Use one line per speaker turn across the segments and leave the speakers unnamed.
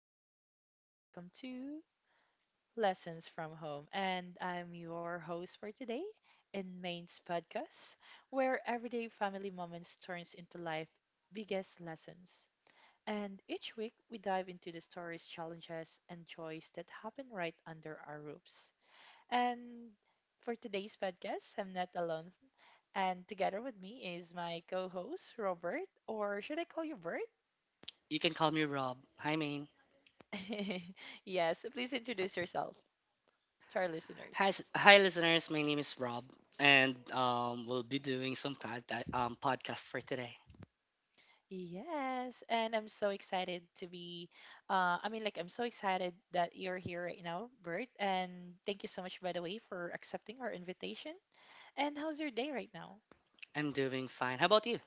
everyone, and welcome to Lessons from Home. And I'm your host for today in Main's podcast, where everyday family moments turns into life biggest lessons. And each week we dive into the stories, challenges, and joys that happen right under our roofs. And for today's podcast, I'm not alone. And together with me is my co-host Robert, or should I call you Bert?
You can call me Rob. Hi, Maine.
Yes, please introduce yourself to our listeners.
Hi, listeners. My name is Rob, and we'll be doing some kind podcast for today.
Yes, and I'm so excited to be. I mean, like, I'm so excited that you're here right now, Bert. And thank you so much, by the way, for accepting our invitation. And how's your day right now?
I'm doing fine. How about you?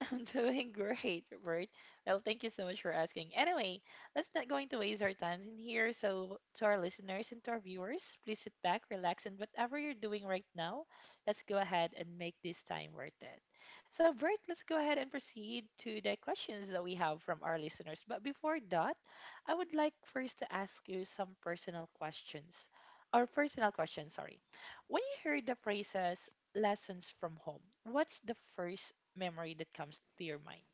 I'm doing great, Bert. Well, thank you so much for asking. Anyway, let's not going to waste our time in here. So, to our listeners and to our viewers, please sit back, relax, and whatever you're doing right now, let's go ahead and make this time worth it. So, Bert, let's go ahead and proceed to the questions that we have from our listeners. But before that, I would like first to ask you some personal questions. Or personal questions, sorry. When you heard the phrases lessons from home, what's the first memory that comes to your mind?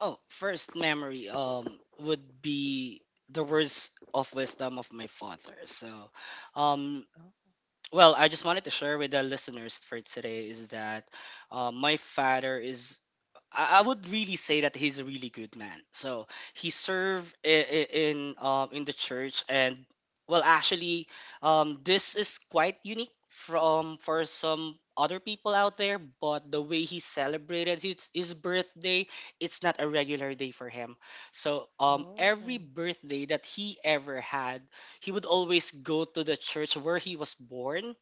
Oh, first memory would be the words of wisdom of my father. So, um, well, I just wanted to share with the listeners for today is that my father is I would really say that he's a really good man. So he served in the church, and well, actually, this is quite unique from for some other people out there. But the way he celebrated his birthday, it's not a regular day for him. So
Oh,
every
oh,
birthday that he ever had, he would always go to the church where he was born,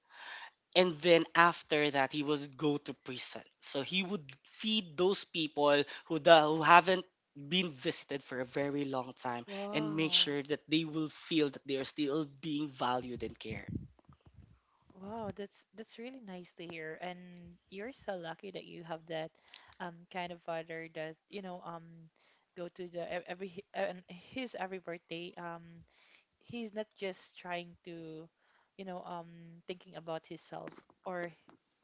and then after that, he would go to prison. So he would feed those people who haven't been visited for a very long time and make
wow.
sure that they will feel that they are still being valued and cared.
Wow, that's really nice to hear. And you're so lucky that you have that kind of father that, you know, go to the e- every hi- and his every birthday. He's not just trying to, thinking about himself or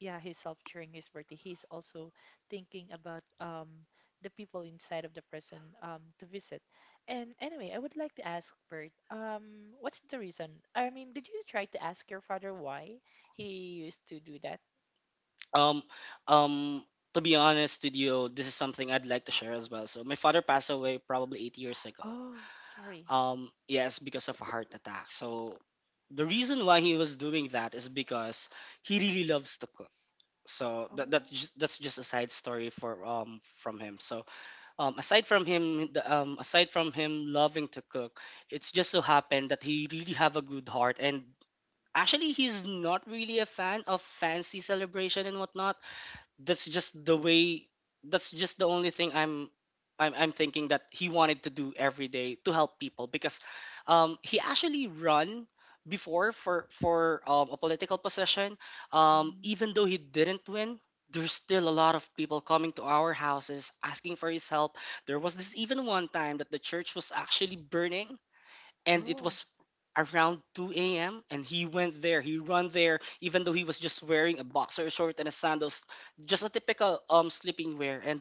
yeah, himself during his birthday. He's also thinking about the people inside of the person to visit. And anyway, I would like to ask Bert, what's the reason? I mean, did you try to ask your father why he used to do that?
Um, um, to be honest with you, this is something I'd like to share as well. So my father passed away probably 8 years ago.
Oh, sorry.
Yes, because of a heart attack. So the reason why he was doing that is because he really loves to cook, so that
Oh,
that's just a side story for from him. So aside from him loving to cook, it's just so happened that he really have a good heart, and actually he's not really a fan of fancy celebration and whatnot. that's just the way that's just the only thing I'm thinking that he wanted to do every day to help people because he actually run before for a political position,
mhm.
even though he didn't win. There's still a lot of people coming to our houses asking for his help. There was this even one time that the church was actually burning, and it
Oh,
was around 2 a.m. and he went there. He run there even though he was just wearing a boxer short and a sandals, just a typical sleeping wear. And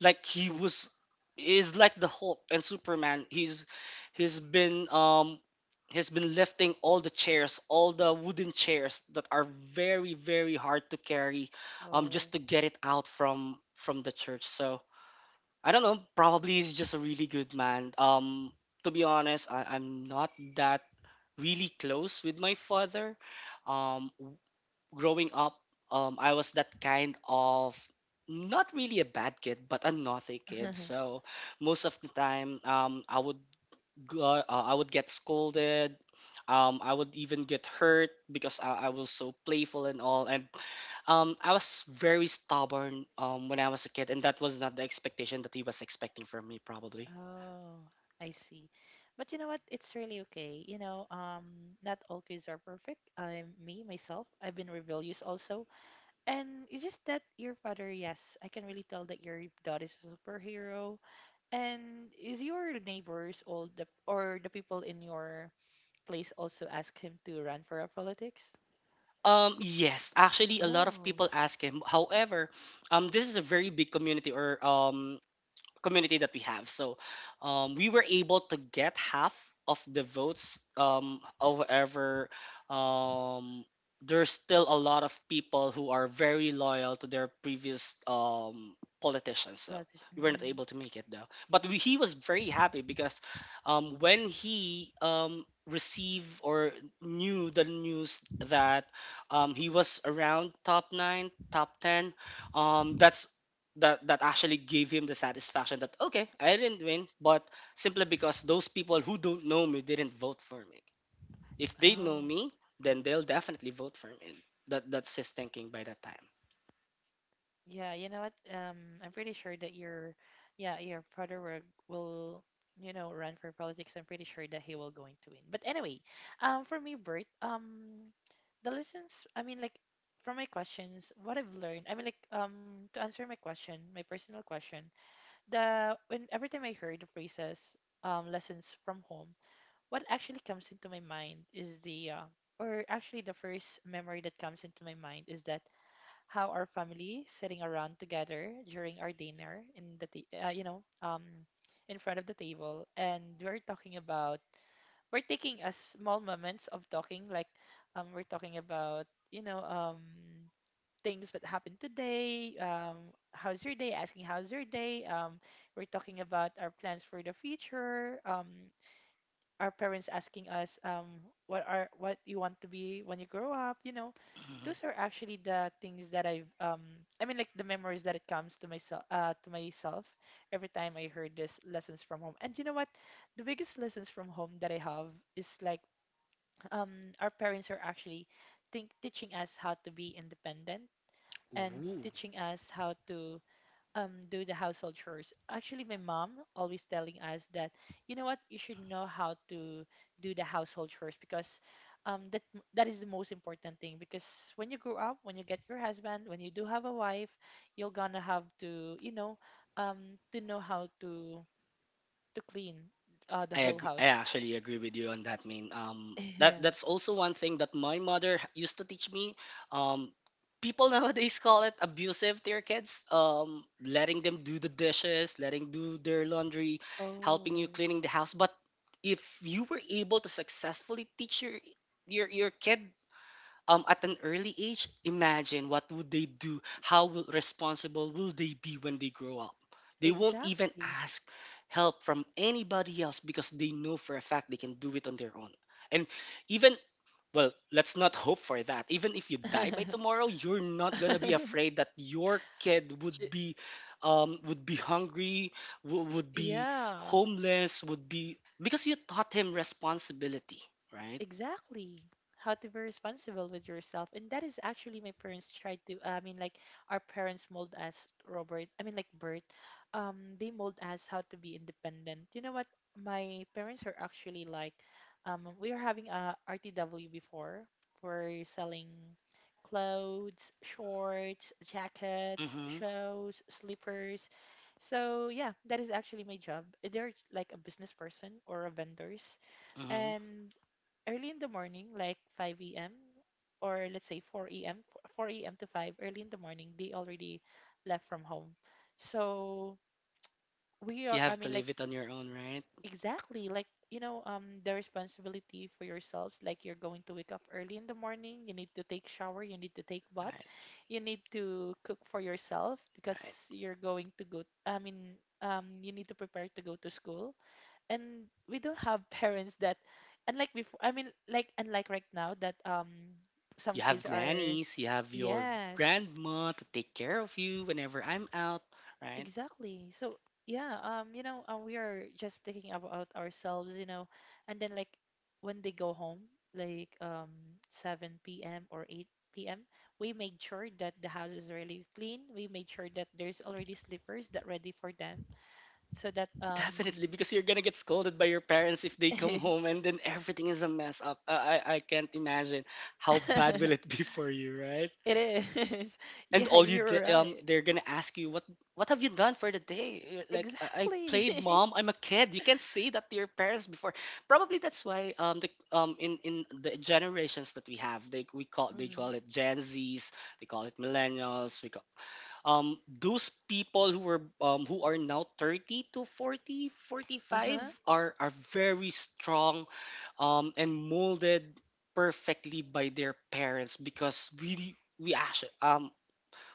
like he was is like the Hulk and Superman. He's been um he's been lifting all the chairs, all the wooden chairs that are very very hard to carry, just
wow.
to get it out from the church. So I don't know. Probably he's just a really good man. To be honest, I'm not that really close with my father. Um, w- Growing up, I was that kind of not really a bad kid, but a naughty kid. So most of the time, I would get scolded. I would even get hurt because I was so playful and all. And I was very stubborn when I was a kid, and that was not the expectation that he was expecting from me, probably.
Oh, I see. But you know what? It's really okay. You know, not all kids are perfect. I'm me, myself. I've been rebellious also. And it's just that your father, yes, I can really tell that your dad is a superhero. And is your neighbors all the or the people in your place also ask him to run for a politics?
Yes, actually, a lot of people
Oh.
ask him. However, this is a very big community or community that we have. So we were able to get half of the votes. However, um, there's still a lot of people who are very loyal to their previous politicians. So
Politician.
we were not
Hmm.
able to make it though. But he was very happy because when he received or knew the news that he was around top nine, top ten, um, that's that that actually gave him the satisfaction that okay, I didn't win, but simply because those people who don't know me didn't vote for me. If they know
Oh.
me, then they'll definitely vote for me. That's his thinking by that time.
Yeah, you know what? I'm pretty sure that your father will, run for politics. I'm pretty sure that he will going to win. But anyway, for me, Bert, the lessons. I mean, like, from my questions, what I've learned. I mean, like, to answer my question, my personal question, the when every time I heard the phrases, lessons from home, what actually comes into my mind is or actually the first memory that comes into my mind is that how our family sitting around together during our dinner in the you know, in front of the table, and we're talking about we're taking a small moments of talking, like, we're talking about, you know, things that happened today, how's your day, we're talking about our plans for the future, our parents asking us, what you want to be when you grow up, you know.
Mhm.
Those are actually the things that I mean, like, the memories that it comes to myself every time I heard this lessons from home. And you know what, the biggest lessons from home that I have is like, our parents are actually think teaching us how to be independent and
Ooh.
teaching us how to do the household chores. Actually, my mom always telling us that, you know what, you should know how to do the household chores, because um that that is the most important thing, because when you grow up, when you get your husband, when you do have a wife, you're gonna have to, you know, to know how to clean the whole
I
house.
actually agree with you on that, Main. Um, that that's
Yes.
also one thing that my mother used to teach me. Um, people nowadays call it abusive to your kids. Letting them do the dishes, letting do their laundry, helping you
Oh,
cleaning the house. But if you were able to successfully teach your kid at an early age, imagine what would they do? How responsible will they be when they grow up? They won't even
exactly.
ask help from anybody else because they know for a fact they can do it on their own. And even well, let's not hope for that. Even if you die by tomorrow, you're not gonna be afraid that your kid
Ch-
would be hungry, would be
Yeah.
homeless, would be because you taught him responsibility, right?
Exactly. How to be responsible with yourself. And that is actually my parents tried to, I mean, like, our parents mold us, Robert, I mean, like, Bert, they mold us how to be independent. You know what? My parents are actually like, we were having a RTW before. We're selling clothes, shorts, jackets,
Mm-hmm.
shoes, slippers. So yeah, that is actually my job. They're like a business person or a vendors.
Mm-hmm.
And early in the morning, like 5 a.m. or let's say 4 a.m. To 5 early in the morning, they already left from home. So
You
I
have to
mean, like,
live it on your own, right?
exactly, like, you know, the responsibility for yourselves. Like, you're going to wake up early in the morning. You need to take shower. You need to take bath.
Right,
You need to cook for yourself because
right.
you're going to go. I mean, you need to prepare to go to school, and we don't have parents that, unlike before I mean, like, unlike right now, that, some
You
kids
have
are.
nannies, you have your
Yes,
grandma to take care of you whenever I'm out, right?
exactly. So yeah, you know, we are just thinking about ourselves, and then, like, when they go home like, 7 p.m or 8 p.m, we made sure that the house is really clean, we made sure that there's already slippers that ready for them so that,
Definitely, because you're gonna get scolded by your parents if they come home and then everything is a mess up. I can't imagine how bad will it be for you, right?
it is.
and
Yeah,
all you
you're
d-
right.
They're gonna ask you what have you done for the day. You're like, I
Exactly.
played, mom, I'm a kid. You can't say that to your parents before. Probably that's why the in the generations that we have, they
Hmm.
call it gen z's, they call it millennials. We call those people who were, who are now 30 to 40 forty five,
Uh-huh.
are very strong and molded perfectly by their parents, because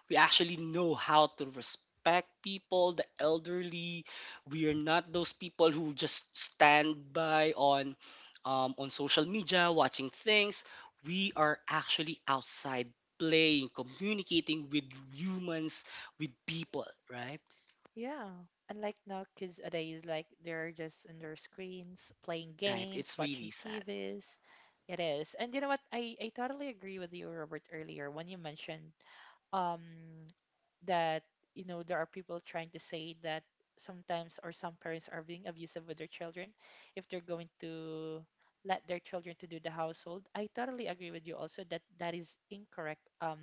we actually know how to respect people, the elderly. We are not those people who just stand by on social media watching things. We are actually outside playing, communicating with humans, with people, right?
Yeah. Unlike now, kids nowadays, like they're just on their screens, playing
Right.
games,
It's
watching
really sad.
TVs. It is. And you know what, I totally agree with you, Robert, earlier when you mentioned, um that, you know, there are people trying to say that sometimes or some parents are being abusive with their children if they're going to let their children to do the household. I totally agree with you also that is incorrect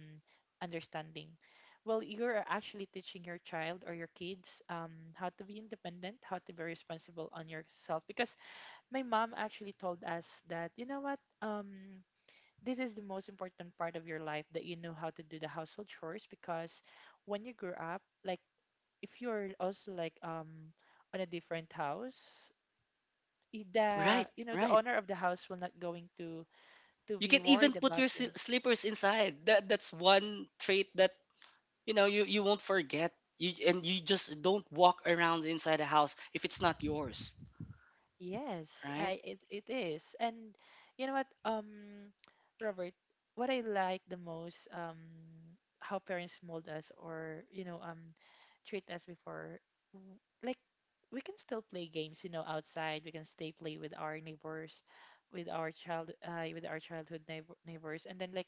understanding. Well, you're actually teaching your child or your kids, how to be independent, how to be responsible on yourself, because my mom actually told us that, you know what, this is the most important part of your life, that you know how to do the household chores, because when you grow up, like, if you're also like, on a different house, the,
Right,
you know, the
right.
owner of the house will not going to
You
be
can even
worried
put
about
your
you.
slippers inside. That's one trait that, you won't forget, you, and you just don't walk around inside the house if it's not yours,
Yes,
right?
it is. And you know what, Robert, what I like the most, how parents mold us, or, you know, treat us before, like, we can still play games, you know, outside, we can stay play with our neighbors, with our child with our childhood neighbors, and then, like,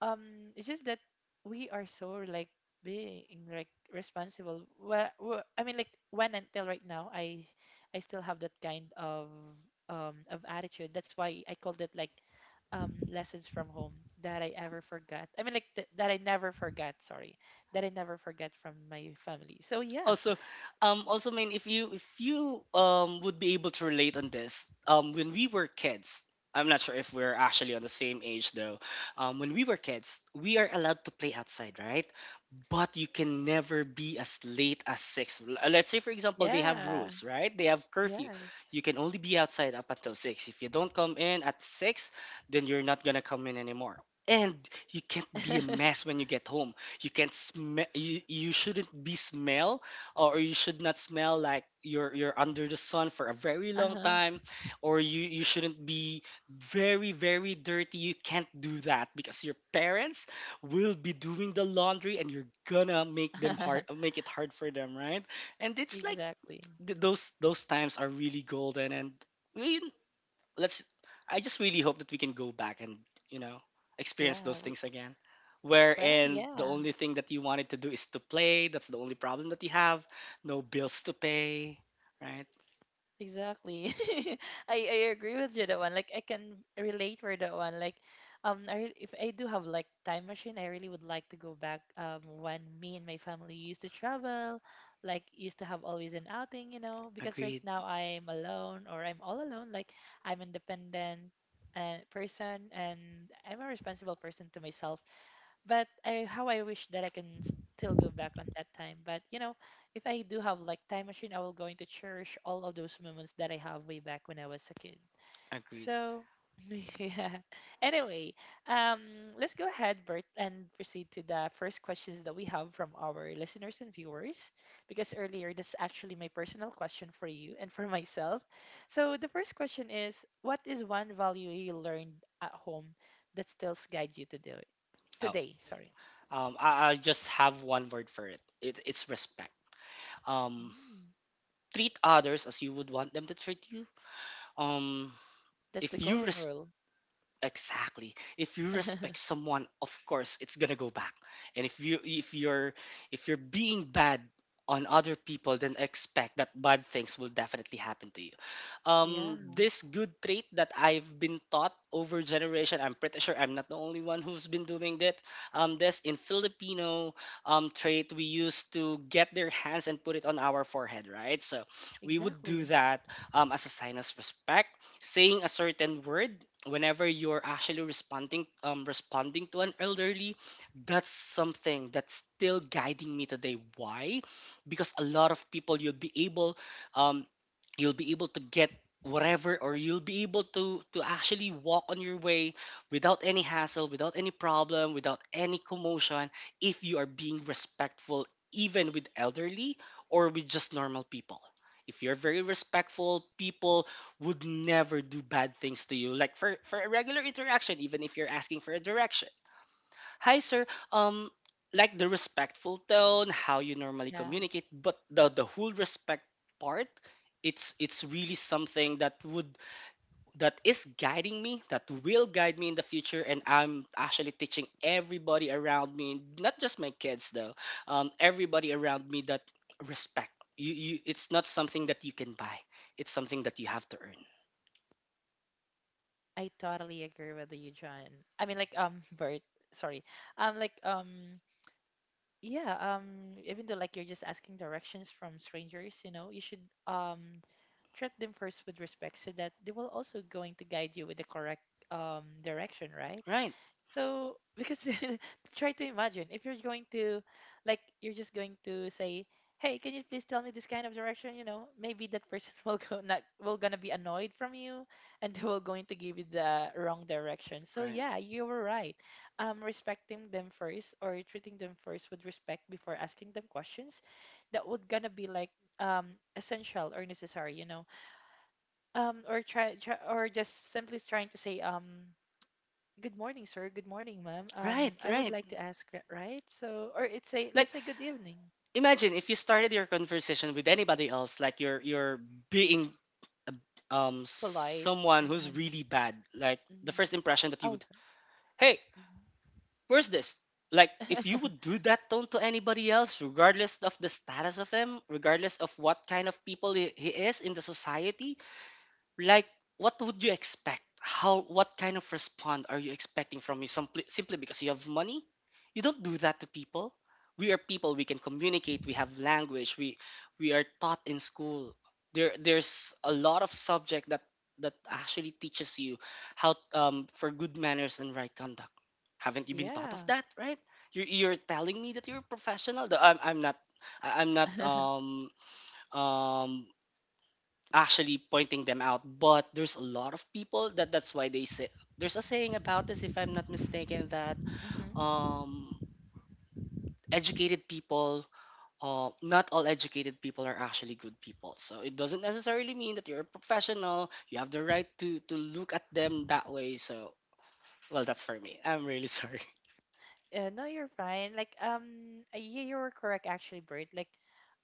it's just that we are so like being like responsible. Well, I mean, like, when until right now, I still have that kind of attitude. That's why I called it like, lessons from home that I ever forgot. I mean, like, that I never forgot, sorry, that I never forgot from my family, so yeah.
Also, also mean, if you would be able to relate on this, when we were kids. I'm not sure if we're actually on the same age though. When we were kids, we are allowed to play outside, right? But you can never be as late as six. Let's say for example they have
Yeah,
rules, right, they have curfew.
yes.
You can only be outside up until six. If you don't come in at six, then you're not gonna come in anymore. And you can't be a mess when you get home. You can't smell. You shouldn't be smell, or you should not smell like you're under the sun for a very long
Uh-huh.
time. Or you shouldn't be very very dirty. You can't do that because your parents will be doing the laundry, and you're gonna make them hard make it hard for them, right? And it's like
Exactly.
those times are really golden, and we let's I just really hope that we can go back and, you know, experience
Yeah,
those things again.
well,
Wherein the
yeah.
only thing that you wanted to do is to play. That's the only problem that you have. No bills to pay, right?
Exactly. I I agree with you that one. Like, I can relate for that one. Like, if I do have like time machine, I really would like to go back when me and my family used to travel, like used to have always an outing, you know, because right
Agreed.
now I'm alone or I'm all alone. Like, I'm independent and person, and I'm a responsible person to myself, but, how I wish that I can still go back on that time. But, you know, if I do have like time machine, I will going to cherish all of those moments that I have way back when I was a kid.
Agreed.
So, yeah. Anyway, um, let's go ahead, Bert, and proceed to the first questions that we have from our listeners and viewers. Because earlier, that's actually my personal question for you and for myself. So, the first question is, what is one value you learned at home that still guides you to do it
Oh,
today? Sorry.
I just have one word for it. It's respect. Um,
Mm,
Treat others as you would want them to treat you. Um,
that's
if
the
you
golden
res-
rule.
Exactly. If you respect someone, of course it's gonna go back. And if you're being bad on other people, then expect that bad things will definitely happen to you.
Yeah,
This good trait that I've been taught over generation, I'm pretty sure I'm not the only one who's been doing that. This in Filipino trait, we used to get their hands and put it on our forehead, right? So we would do
exactly.
that as a sign of respect, saying a certain word whenever you're actually responding to an elderly. That's something that's still guiding me today. Why? Because a lot of
Yeah,
people, um, you'll be able to get whatever, or you'll be able to actually walk on your way without any hassle, without any problem, without any commotion, if you are being respectful, even with elderly or with just normal people. If you're very respectful, people would never do bad things to you. Like for a regular interaction, even if you're asking for a direction. Hi, sir. Um, like the respectful tone, how you normally
yeah.
communicate, but the whole respect part, it's really something that would that is guiding me, that will guide me in the future, and I'm actually teaching everybody around me, not just my kids though, everybody around me that respect. It's not something that you can buy. It's something that you have to earn.
I totally agree with you, John. I mean, like, Bert, sorry. Um, like, um, yeah, um, even though like you're just asking directions from strangers, you know, you should, treat them first with respect so that they will also going to guide you with the correct direction, right?
Right.
So because try to imagine if you're going to, like, you're just going to say, "Hey, can you please tell me this kind of direction?" You know, maybe that person will go not will gonna be annoyed from you, and they will going to give you the wrong direction. So
Right.
yeah, you were right. Respecting them first or treating them first with respect before asking them questions, that would gonna be like essential or necessary. You know, or just simply trying to say. Good morning, sir. Good morning, ma'am.
Right,
I would
right.
like to ask, right? So, or it's a
Like
let's say good evening,
imagine if you started your conversation with anybody else, like you're being a-
polite
someone
and
who's
kind.
really bad. Like the
hmm
first impression that you
Oh,
would,
sorry.
"Hey,
hmm
where's this?" Like if you would do that tone to anybody else, regardless of the status of him, regardless of what kind of people he is in the society, like what would you expect? How what kind of response are you expecting from me? Simply because you have money, you don't do that to people. We are people, we can communicate, we have language, we are taught in school. There's a lot of subject that that actually teaches you how, for good manners and right conduct. Haven't you been taught of
Yeah.
that, right? You're telling me that you're a professional. Though I'm not, I'm not um actually pointing them out, but there's a lot of people that that's why they say there's a saying about this, if I'm not mistaken, that
Mm-hmm.
um educated people, not all educated people are actually good people. So it doesn't necessarily mean that you're a professional, you have the right to look at them that way. So well, that's for me, I'm really sorry.
Yeah, no, you're fine. Like, yeah, you were correct actually, Bert. Like,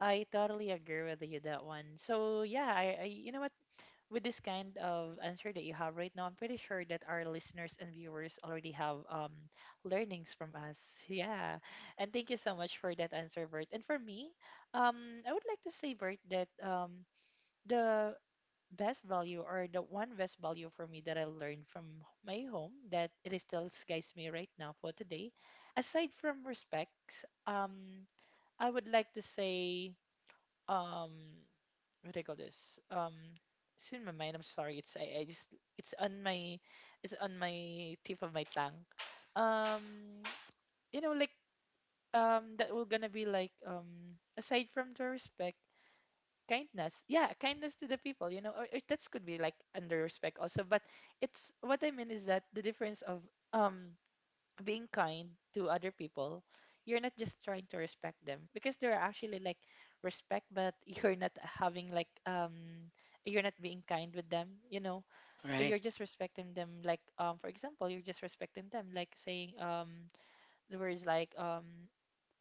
I totally agree with you that one. So yeah, I you know what? With this kind of answer that you have right now, I'm pretty sure that our listeners and viewers already have learnings from us. Yeah. And thank you so much for that answer, Bert. And for me, um, I would like to say, Bert, that the best value or the one best value for me that I learned from my home that it is still guides me right now for today, aside from respects, I would like to say um what do I call this? It's in my mind, I'm sorry, it's I just it's on my tip of my tongue. Um you know, like that will gonna be like aside from the respect, kindness, yeah, kindness to the people, you know, or that could be like under respect also, but it's what I mean is that the difference of um being kind to other people, you're not just trying to respect them because they're actually like respect, but you're not having like you're not being kind with them. You know,
Right.
you're just respecting them. Like for example, you're just respecting them, like saying the words like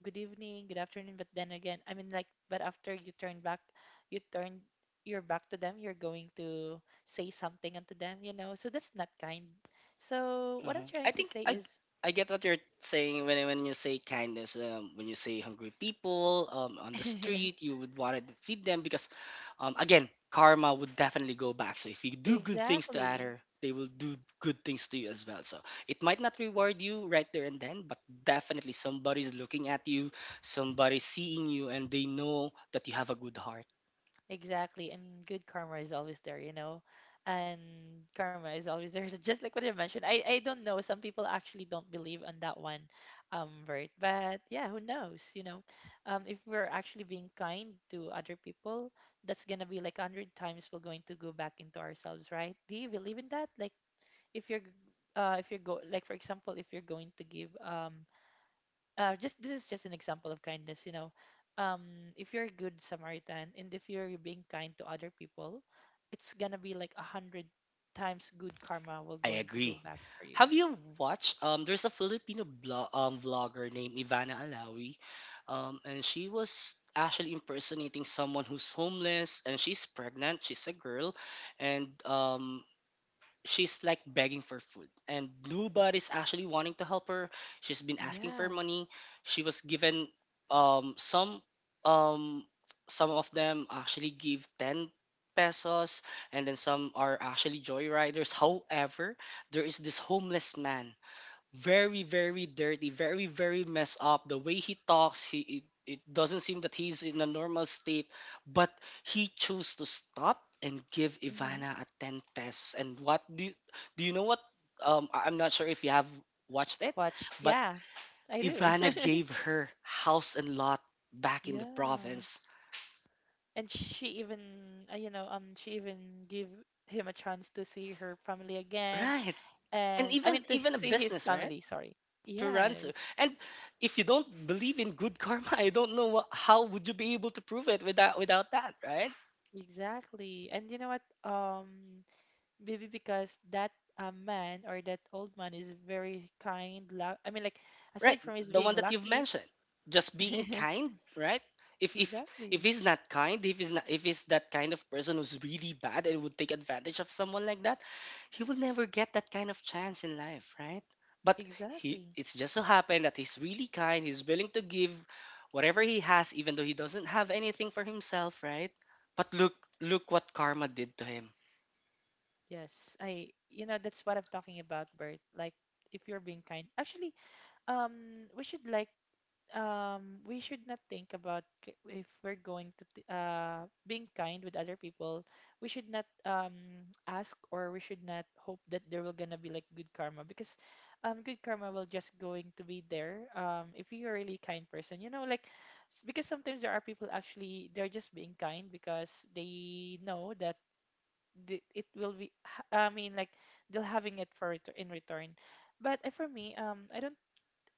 good evening, good afternoon, but then again, I mean like but after you turn back, you turn your back to them, you're going to say something unto them. You know, so that's not kind. So what
Hmm,
I'm
I
trying to
think
say
I
is.
I get what you're saying when you say kindness. When you say hungry people on the street, you would want to feed them because, again, karma would definitely go back. So if you do good things to
Exactly.
other, they will do good things to you as well. So it might not reward you right there and then, but definitely somebody's looking at you, somebody's seeing you, and they know that you have a good heart.
Exactly. And good karma is always there, you know? And karma is always there. Just like what I mentioned. I don't know. Some people actually don't believe on that one, Bert. But yeah, who knows, you know? If we're actually being kind to other people, that's gonna be like a hundred times we're going to go back into ourselves, right? Do you believe in that? Like if you're g- if you're go like for example, if you're going to give just this is just an example of kindness, you know, um, if you're a good samaritan and if you're being kind to other people, it's gonna be like a hundred times good karma will
I
going to go
agree.
back for you.
Have you watched? There's a Filipino vlogger named Ivana Alawi, and she was actually impersonating someone who's homeless, and she's pregnant. She's a girl, and she's like begging for food and nobody's actually wanting to help her. She's been asking for
Yeah.
money, she was given some, um some of them actually give 10 pesos, and then some are actually joyriders. However, there is this homeless man, very very dirty, very very messed up, the way he talks, he it doesn't seem that he's in a normal state. But he chose to stop and give
hmm
Ivana a 10 pesos. And what do do you know what? I'm not sure if you have watched it,
Watch,
but
yeah, I do.
Ivana gave her house and lot back in the
Yeah.
province,
And she even you know, she even give him a chance to see her family again.
right? And
And I
even
mean to
even a
see his
business, right?
family, sorry.
To run to.
Yes,
And if you don't believe in good karma, I don't know what, how would you be able to prove it without without that, right?
exactly. And you know what? um Maybe because that man or that old man is very kind. I mean, like,
Right,
aside from his
the
being
one that you've
lucky.
mentioned. Just being kind, right? If if
Exactly.
he's not kind, if he's not, if he's that kind of person who's really bad and would take advantage of someone like that, he will never get that kind of chance in life, right? But he
Exactly.
it's just so happened that he's really kind, he's willing to give whatever he has, even though he doesn't have anything for himself, right? But look, look what karma did to him.
Yes. I, you know, that's what I'm talking about, Bert. Like, if you're being kind. Actually, we should like we should not think about if we're going to being kind with other people, we should not ask or we should not hope that there will gonna be like good karma because good karma will just going to be there if you're a really kind person, you know, like because sometimes there are people actually they're just being kind because they know that it will be I mean like they'll having it for in return. But for me, I don't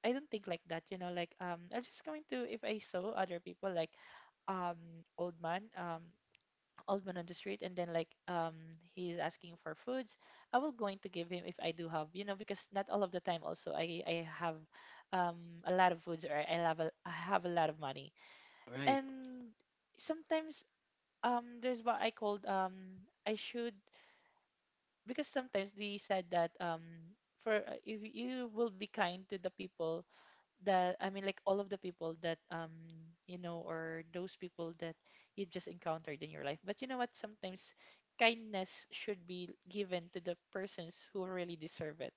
I don't think like that, you know, like I'm just going to if I saw other people like um old man, um old man on the street and then like he's asking for foods, I will going to give him if I do have, you know, because not all of the time also I have a lot of foods or I have a lot of money.
Right.
And sometimes there's what I called I should because sometimes they said that for if you will be kind to the people, that I mean, like all of the people that you know, or those people that you just encountered in your life. But you know what? Sometimes kindness should be given to the persons who really deserve it,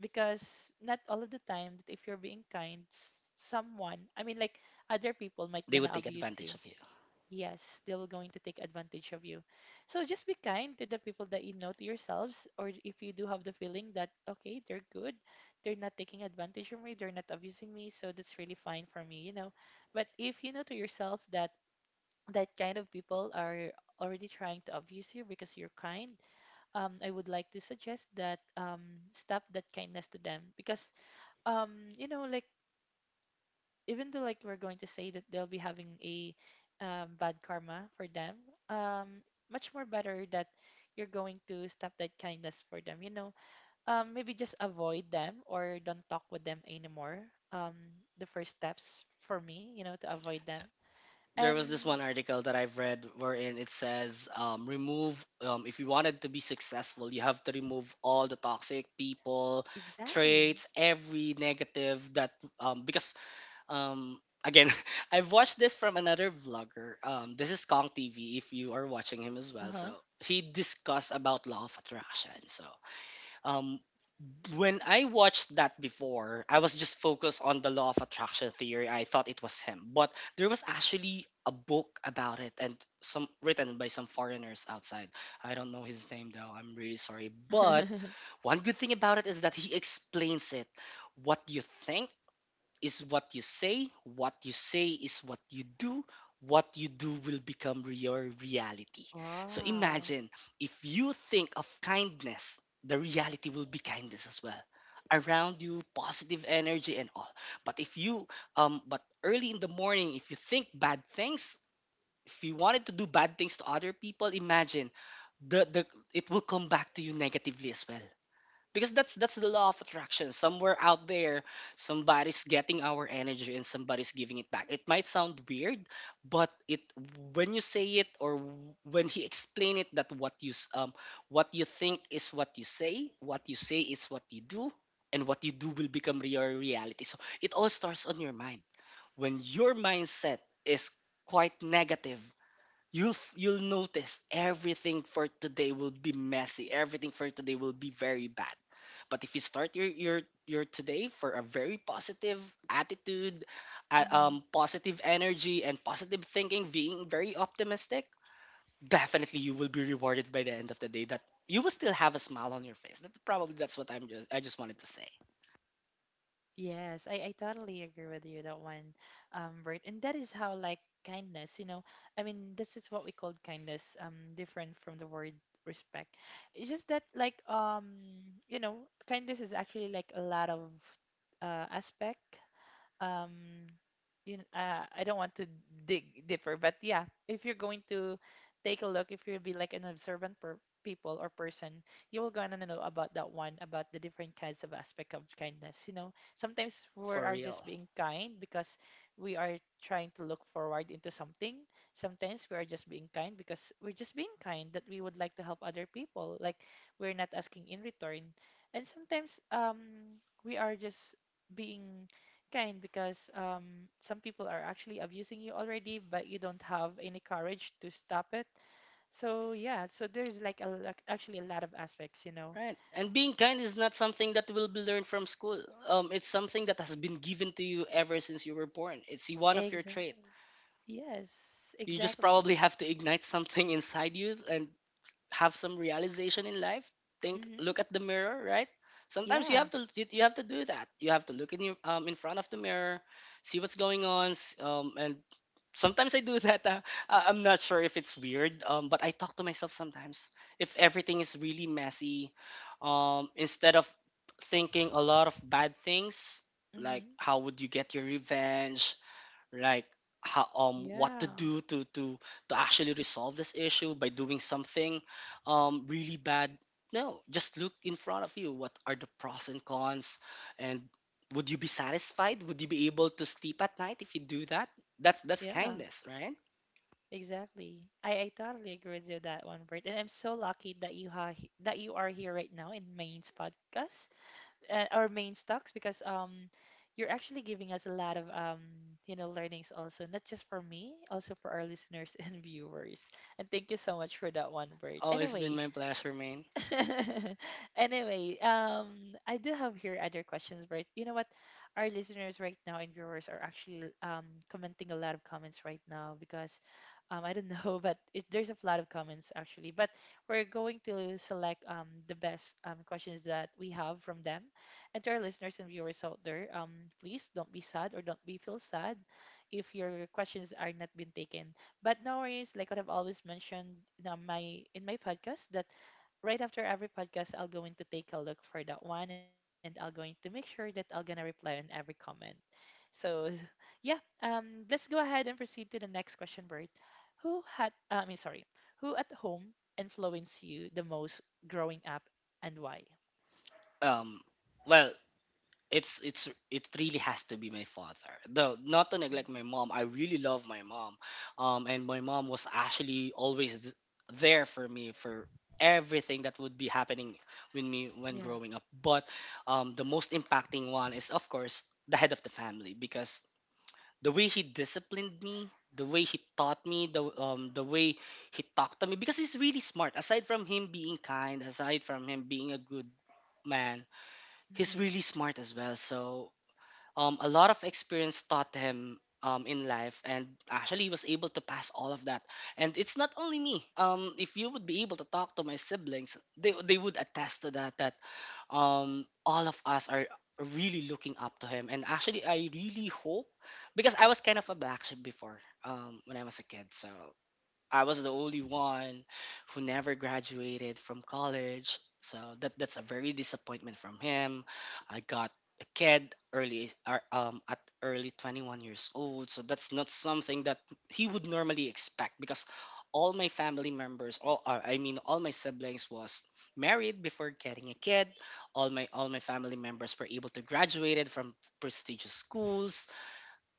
because not all of the time that if you're being kind, someone, I mean, like other people might
They
gonna
would take
abuse you.
advantage of him.
Yes, they will going to take advantage of you. So just be kind to the people that you know to yourselves, or if you do have the feeling that okay, they're good, they're not taking advantage of me, they're not abusing me, so that's really fine for me, you know. But if you know to yourself that that kind of people are already trying to abuse you because you're kind, I would like to suggest that stop that kindness to them because you know, like even though like we're going to say that they'll be having a bad karma for them, um much more better that you're going to stop that kindness for them, you know, maybe just avoid them or don't talk with them anymore. um the first steps for me, you know, to avoid them,
There was this
and
one article that I've read, wherein it says remove, if you wanted to be successful, you have to remove all the toxic people,
exactly.
traits, every negative that because again, I've watched this from another vlogger. This is Kong TV, if you are watching him as well. So
Uh-huh.
he discussed about law of attraction. So um, when I watched that before, I was just focused on the law of attraction theory. I thought it was him, but there was actually a book about it and some, written by some foreigners outside. I don't know his name though, I'm really sorry. But one good thing about it is that he explains it. What you think is what you say is what you do will become your reality. So
Wow.
imagine, if you think of kindness, the reality will be kindness as well around you, positive energy and all. But if you but early in the morning, if you think bad things, if you wanted to do bad things to other people, imagine the it will come back to you negatively as well, because that's the law of attraction. Somewhere out there somebody's getting our energy and somebody's giving it back. It might sound weird, but it, when you say it, or when he explain it, that what you what you think is what you say, what you say is what you do, and what you do will become your reality. So it all starts on your mind. When your mindset is quite negative, you'll you'll notice everything for today will be messy, everything for today will be very bad. But if you start your today for a very positive attitude, positive energy and positive thinking, being very optimistic, definitely you will be rewarded by the end of the day. That you will still have a smile on your face. That probably that's what I'm just I just wanted to say.
Yes, I totally agree with you that one, Bert. And that is how like kindness, you know, I mean, this is what we call kindness, different from the word respect. It's just that like you know, kindness is actually like a lot of aspect, um you know, I don't want to dig deeper, but yeah, if you're going to take a look, if you'll be like an observant per people or person, you will gonna know about that one, about the different kinds of aspect of kindness. You know, sometimes we
For
are
real.
just being kind because we are trying to look forward into something. Sometimes we are just being kind because we're just being kind that we would like to help other people. Like we're not asking in return, and sometimes we are just being kind because some people are actually abusing you already, but you don't have any courage to stop it. So yeah, so there's like a, like actually a lot of aspects, you know.
Right. And being kind is not something that will be learned from school. It's something that has been given to you ever since you were born. It's one of your trait.
Exactly. Yes,
You just probably
exactly.
have to ignite something inside you and have some realization in life. Think,
Mm-hmm.
look at the mirror, right? Sometimes you
Yeah.
have to, you have to do that, you have to look in your, in front of the mirror, see what's going on. Um, and sometimes I do that. I'm not sure if it's weird, but I talk to myself sometimes if everything is really messy. Um, instead of thinking a lot of bad things, like
Mm-hmm.
how would you get your revenge, like how, what to
Yeah.
do to to actually resolve this issue by doing something really bad. No, just look in front of you, what are the pros and cons? And would you be satisfied, would you be able to sleep at night if you do that? That's
Yeah.
kindness, right?
Exactly. I totally agree with you that one, Bert. And I'm so lucky that you ha that you are here right now in Main's podcast. Our main stocks because you're actually giving us a lot of you know, learnings also, not just for me, also for our listeners and viewers. And thank you so much for that one, Bert.
Always been
Anyway.
my pleasure, man.
Anyway, I do have here other questions, but you know what? Our listeners right now and viewers are actually commenting a lot of comments right now because I don't know, but it, there's a lot of comments actually. But we're going to select the best questions that we have from them. And to our listeners and viewers out there, please don't be sad or don't be feel sad if your questions are not been taken. But no worries, like what I've always mentioned in my in my podcast that right after every podcast, I'll going to take a look for that one and I'll going to make sure that I'll gonna reply on every comment. So yeah, let's go ahead and proceed to the next question, Bert. Who had I mean sorry, who at home influenced you the most growing up and why?
Um, well, it's it really has to be my father, though not to neglect my
Mhm.
mom, I really love my mom. Um, and my mom was actually always there for me for everything that would be happening with me when
Yeah.
growing up. But um, the most impacting one is of course the head of the family, because the way he disciplined me, the way he taught me, the way he talked to me, because he's really smart, aside from him being kind, aside from him being a good man, he's
hmm
really smart as well. So a lot of experience taught him in life, and actually was able to pass all of that. And it's not only me, if you would be able to talk to my siblings, they would attest to that, that all of us are really looking up to him. And actually I really hope, because I was kind of a black sheep before, when I was a kid. So I was the only one who never graduated from college. So that that's a very disappointment from him. I got a kid early, at early 21 years old. So that's not something that he would normally expect, because all my family members, all I mean all my siblings was married before getting a kid. All my family members were able to graduated from prestigious schools,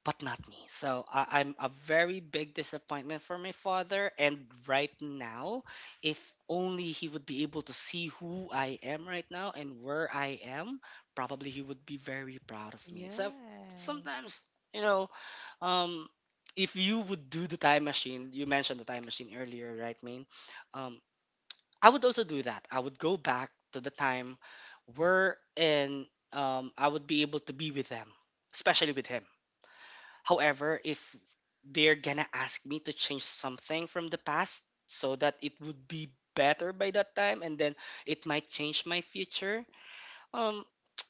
but not me. So I, I'm a very big disappointment for my father. And right now, if only he would be able to see who I am right now and where I am, probably he would be very proud of me. So
Yes.
sometimes, you know, um, if you would do the time machine, you mentioned the time machine earlier, right, Main? Um, I would also do that. I would go back to the time where and I would be able to be with them, especially with him. However, if they're gonna ask me to change something from the past so that it would be better by that time, and then it might change my future, um,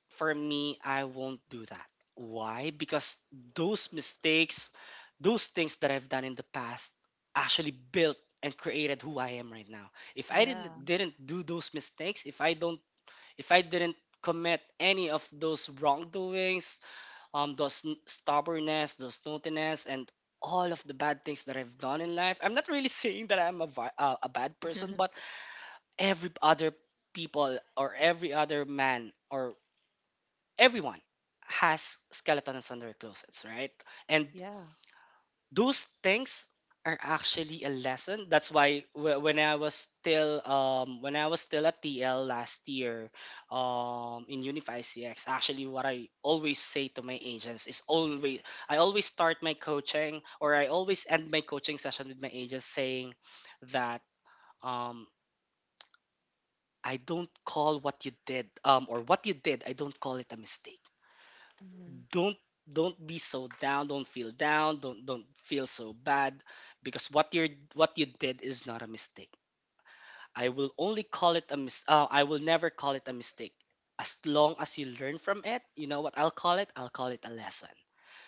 for me, I won't do that. Why? Because those mistakes, those things that I've done in the past actually built and created who I am right now. If I didn't
Yeah.
didn't do those mistakes, if I don't if I didn't commit any of those wrongdoings, the stubbornness, the snootiness, and all of the bad things that I've done in life. I'm not really saying that I'm a, a bad person, but every other people or every other man or everyone has skeletons on their closets, right? And
Yeah.
those things are actually a lesson. That's why when I was still when I was still at TL last year, in Unify CX, actually what I always say to my agents is always, I always start my coaching or I always end my coaching session with my agents saying that, um I don't call what you did, or what you did, I don't call it a mistake.
hmm
don't don't be so down, don't feel down, don't feel so bad, because what you're what you did is not a mistake. I will only call it a I will never call it a mistake. As long as you learn from it, you know what I'll call it? I'll call it a lesson.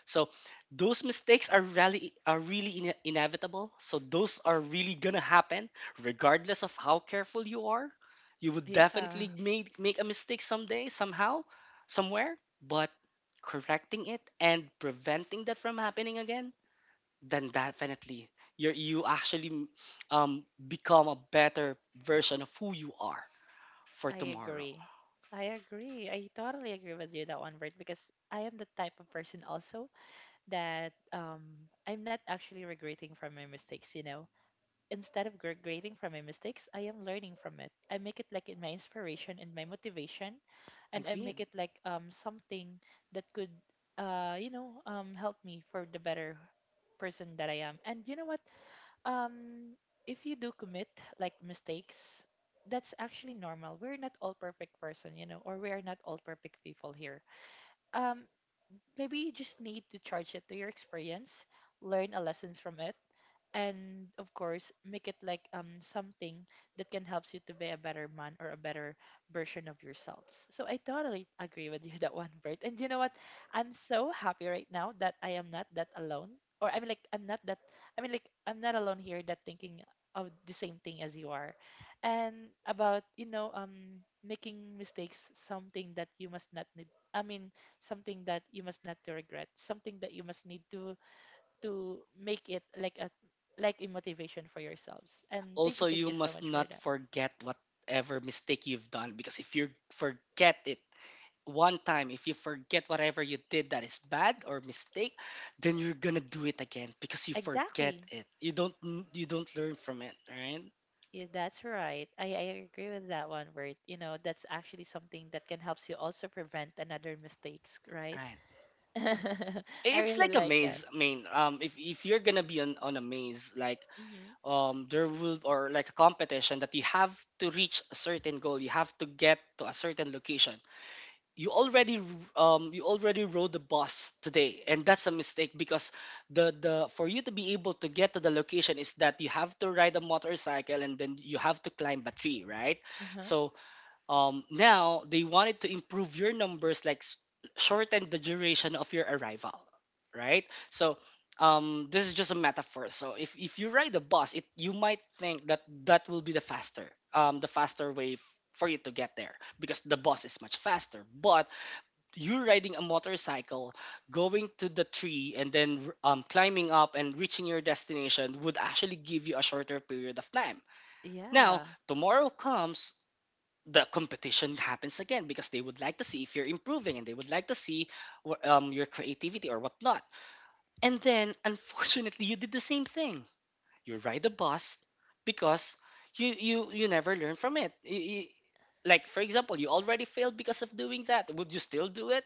So those mistakes are really, are really inevitable. So those are really gonna happen regardless of how careful you are. You would
Yeah.
definitely make a mistake someday, somehow, somewhere, but correcting it and preventing that from happening again, then definitely you actually become a better version of who you are for
I
tomorrow.
agree. I agree. I totally agree with you that one, Bert, because I am the type of person also that I'm not actually regretting from my mistakes, you know. Instead of regretting from my mistakes, I am learning from it. I make it like in my inspiration and my motivation, and I
Agreed.
make it like something that could, you know, help me for the better person that I am. And you know what? Um, if you do commit like mistakes, that's actually normal. We're not all perfect person, you know, or we are not all perfect people here. Um, Maybe you just need to charge it to your experience, learn a lessons from it, and of course make it like something that can help you to be a better man or a better version of yourselves. So I totally agree with you that one, Bert. And you know what? I'm so happy right now that I am not that alone. Or I mean like I'm not that I mean like I'm not alone here that thinking of the same thing as you are. And about making mistakes, something that you must not need, i mean something that you must not to regret, something that you must need to make it like a motivation for yourselves. And
Also,
thank
you
you so
must
much for
not
that.
forget whatever mistake you've done, because if you forget it one time, if you forget whatever you did that is bad or mistake, then you're gonna do it again because you forget
Exactly.
it. You don't learn from it, right?
Yeah, that's right. I agree with that one word. You know, that's actually something that can help you also prevent another mistakes, right?
Right.
I
It's
really
like a
like that.
maze. I mean, if you're gonna be on a maze, like,
Mm-hmm.
there will, or like a competition that you have to reach a certain goal, you have to get to a certain location. You already, you already rode the bus today, and that's a mistake, because the for you to be able to get to the location is that you have to ride a motorcycle and then you have to climb a tree, right?
Uh-huh.
So, now they wanted to improve your numbers, like shorten the duration of your arrival, right? So, this is just a metaphor. So if you ride the bus, it, you might think that that will be the faster, the faster way for you to get there, because the bus is much faster. But you riding a motorcycle, going to the tree, and then climbing up and reaching your destination would actually give you a shorter period of time. Now,
Yeah.
tomorrow comes, the competition happens again because they would like to see if you're improving, and they would like to see your creativity or whatnot. And then, unfortunately, you did the same thing. You ride the bus because you never learn from it. Like for example, you already failed because of doing that. Would you still do it?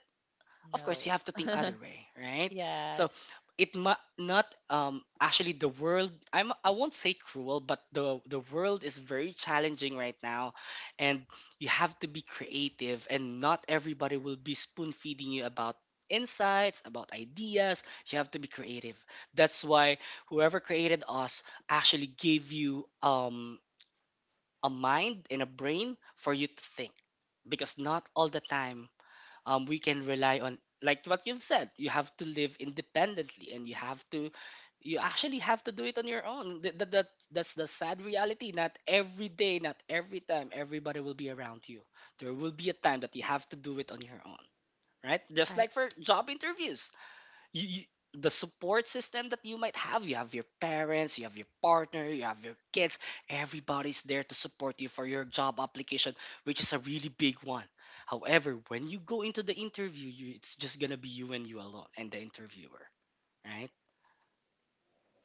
Of course, you
No.
have to think other way, right? So
Yes.
it might not, actually the world, I won't say cruel, but the world is very challenging right now, and you have to be creative, and not everybody will be spoon feeding you about insights, about ideas. You have to be creative. That's why whoever created us actually gave you a mind and a brain for you to think, because not all the time, we can rely on, like what you've said, you have to live independently, and you have to, you actually have to do it on your own. That's the sad reality. Not every day, not every time everybody will be around you. There will be a time that you have to do it on your own, right? Just
I
like for job interviews. You, the support system that you might have, you have your parents, you have your partner, you have your kids, everybody's there to support you for your job application, which is a really big one. However, when you go into the interview, you, it's just gonna be you and you alone and the interviewer, right?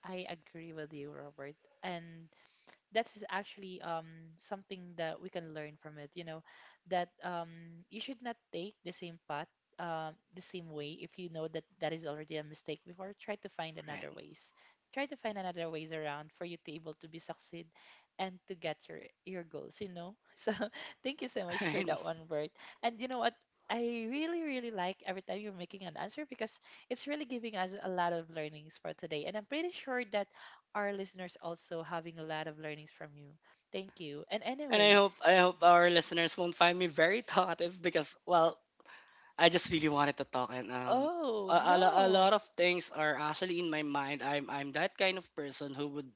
I agree with you, Robert. And that is actually something that we can learn from it, you know, that you should not take the same path, the same way. If you know that that is already a mistake before, try to find
Right.
another ways, try to find another ways around for you to able to be succeed and to get your goals, you know. So thank you so much for
Right.
that one, Bert. And you know what? I really really like every time you're making an answer, because it's really giving us a lot of learnings for today, and I'm pretty sure that our listeners also having a lot of learnings from you. Thank you. And
And I
anyway,
hope, I hope our listeners won't find me very talkative, because well, I just really wanted to talk, and
oh
a, a lot
no.
of things are actually in my mind. I'm that kind of person who would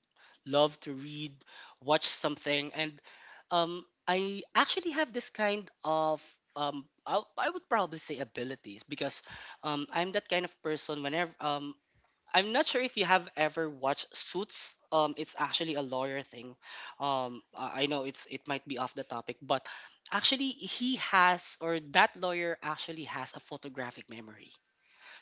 love to read, watch something, and I actually have this kind of, um, I would probably say abilities, because I'm that kind of person. Whenever I'm not sure if you have ever watched Suits. It's actually a lawyer thing. I know it's, it might be off the topic, but actually he has, or that lawyer actually has a photographic memory.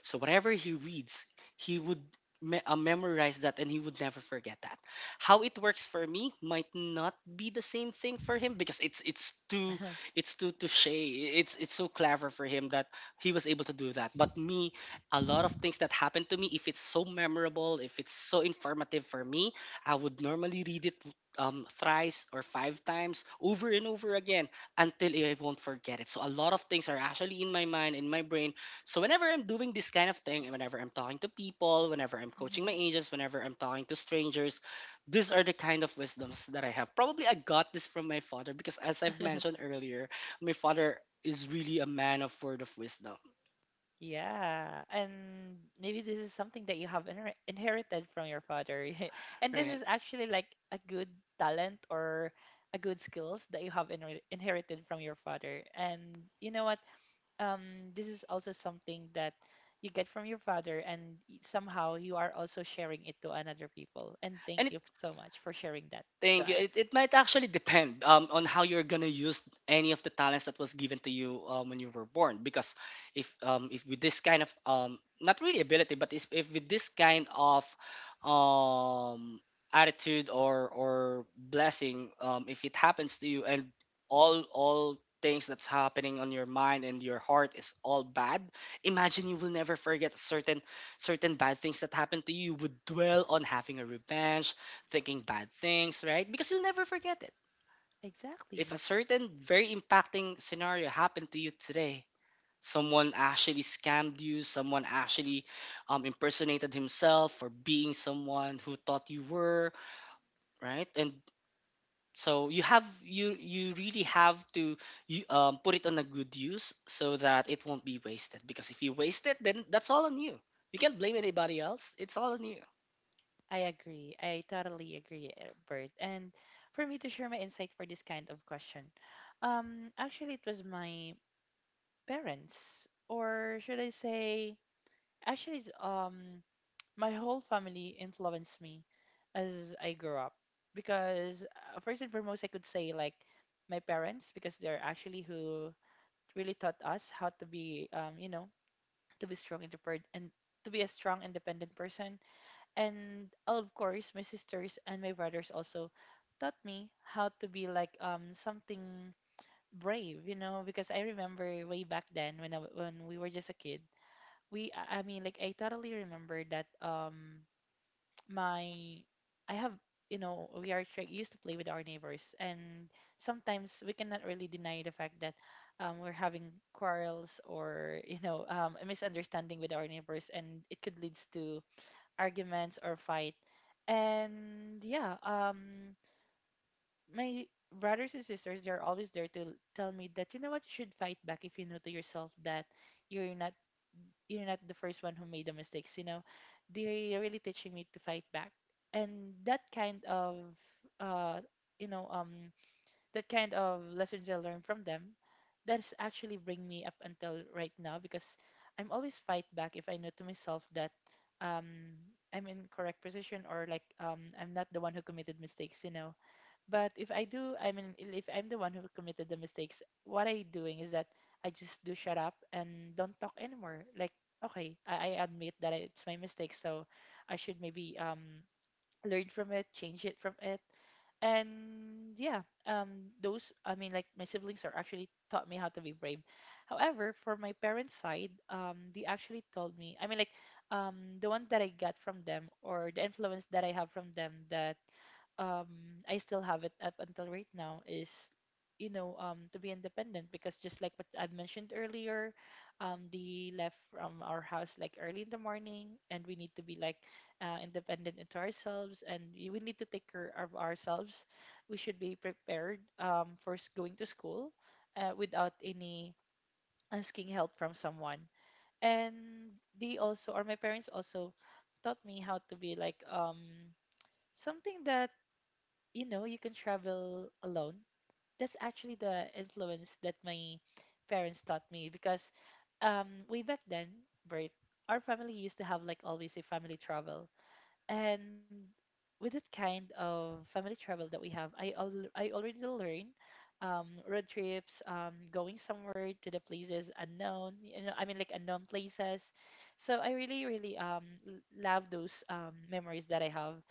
So whatever he reads, he would memorize that and he would never forget that. How it works for me might not be the same thing for him, because it's too, it's too touche. It's so clever for him that he was able to do that. But me, a lot of things that happened to me, if it's so memorable, if it's so informative for me, I would normally read it, thrice or five times over and over again until I won't forget it. So a lot of things are actually in my mind, in my brain, so whenever I'm doing this kind of thing, and whenever I'm talking to people, whenever I'm coaching my
Mhm.
agents, whenever I'm talking to strangers, these are the kind of wisdoms that I have. Probably I got this from my father, because as I've mentioned earlier, my father is really a man of word of wisdom,
Yeah, and maybe this is something that you have inherited from your father. And this
right?
is actually like a good talent or a good skills that you have inherited from your father. And you know what? This is also something that you get from your father, and somehow you are also sharing it to another people. And
And
thank
it,
you so much for sharing that to
thank you. It,
us.
it might actually depend on how you're gonna use any of the talents that was given to you when you were born. Because if with this kind of, not really ability, but if with this kind of, um, attitude or blessing, if it happens to you, and all things that's happening on your mind and your heart is all bad, imagine, you will never forget certain, certain bad things that happened to you. You would dwell on having a revenge, thinking bad things, right? Because you'll never forget it. If
Exactly.
a certain very impacting scenario happened to you today, someone actually scammed you, someone actually impersonated himself for being someone who thought you were, right? And so you have, you really have to, you put it on a good use so that it won't be wasted. Because if you waste it, then that's all on you. You can't blame anybody else. It's all on you.
I agree. I totally agree, Bert. And for me to share my insight for this kind of question, actually, it was my parents, or should I say, actually, my whole family influenced me as I grew up, because first and foremost, I could say like my parents, because they're actually who really taught us how to be you know, to be strong independent and to be a strong independent person. And of course my sisters and my brothers also taught me how to be like something brave, you know. Because I remember way back then when when we were just a kid, we I mean like I totally remember that my I have you know, we are used to play with our neighbors, and sometimes we cannot really deny the fact that, we're having quarrels or you know, a misunderstanding with our neighbors, and it could lead to arguments or fight. And yeah, my brothers and sisters, they're always there to tell me that, you know what, you should fight back if you know to yourself that you're not you're not the first one who made the mistakes, you know. They're really teaching me to fight back. And that kind of, uh you know, that kind of lessons I learned from them, that's actually bring me up until right now, because I'm always fight back if I know to myself that um I'm in correct position, or like I'm not the one who committed mistakes, you know. But if I do, I mean, if I'm the one who committed the mistakes, what I doing is that I just do shut up and don't talk anymore. Like, okay, I admit that it's my mistake, so I should maybe learn from it, change it from it. And yeah, those, I mean, like my siblings are actually taught me how to be brave. However, for my parents' side, they actually told me, I mean, like, um, the one that I got from them, or the influence that I have from them, that um, I still have it up until right now is, you know, to be independent. Because just like what I've mentioned earlier, they left from our house like early in the morning, and we need to be like independent into ourselves, and we need to take care of ourselves. We should be prepared, for going to school, without any asking help from someone. And they also, or my parents also taught me how to be like, something that, you know, you can travel alone. That's actually the influence that my parents taught me, because way back then, Bert, our family used to have like always a family travel. And with that kind of family travel that we have, I already learned, road trips, going somewhere to the places unknown, you know, I mean like unknown places. So I really really, love those memories that I have,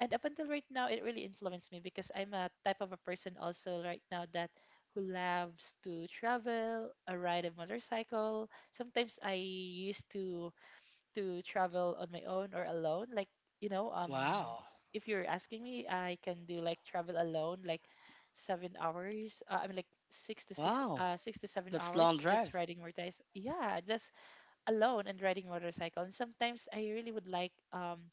and up until right now, it really influenced me, because I'm a type of a person also right now that who loves to travel, ride a motorcycle. Sometimes I used to travel on my own or alone. Like, you know,
Wow,
if you're asking me, I can do like travel alone, like 7 hours. I mean, like
wow,
six to seven
that's long
hours just
drive,
riding motorcycles. Yeah, just alone and riding motorcycle. And sometimes I really would like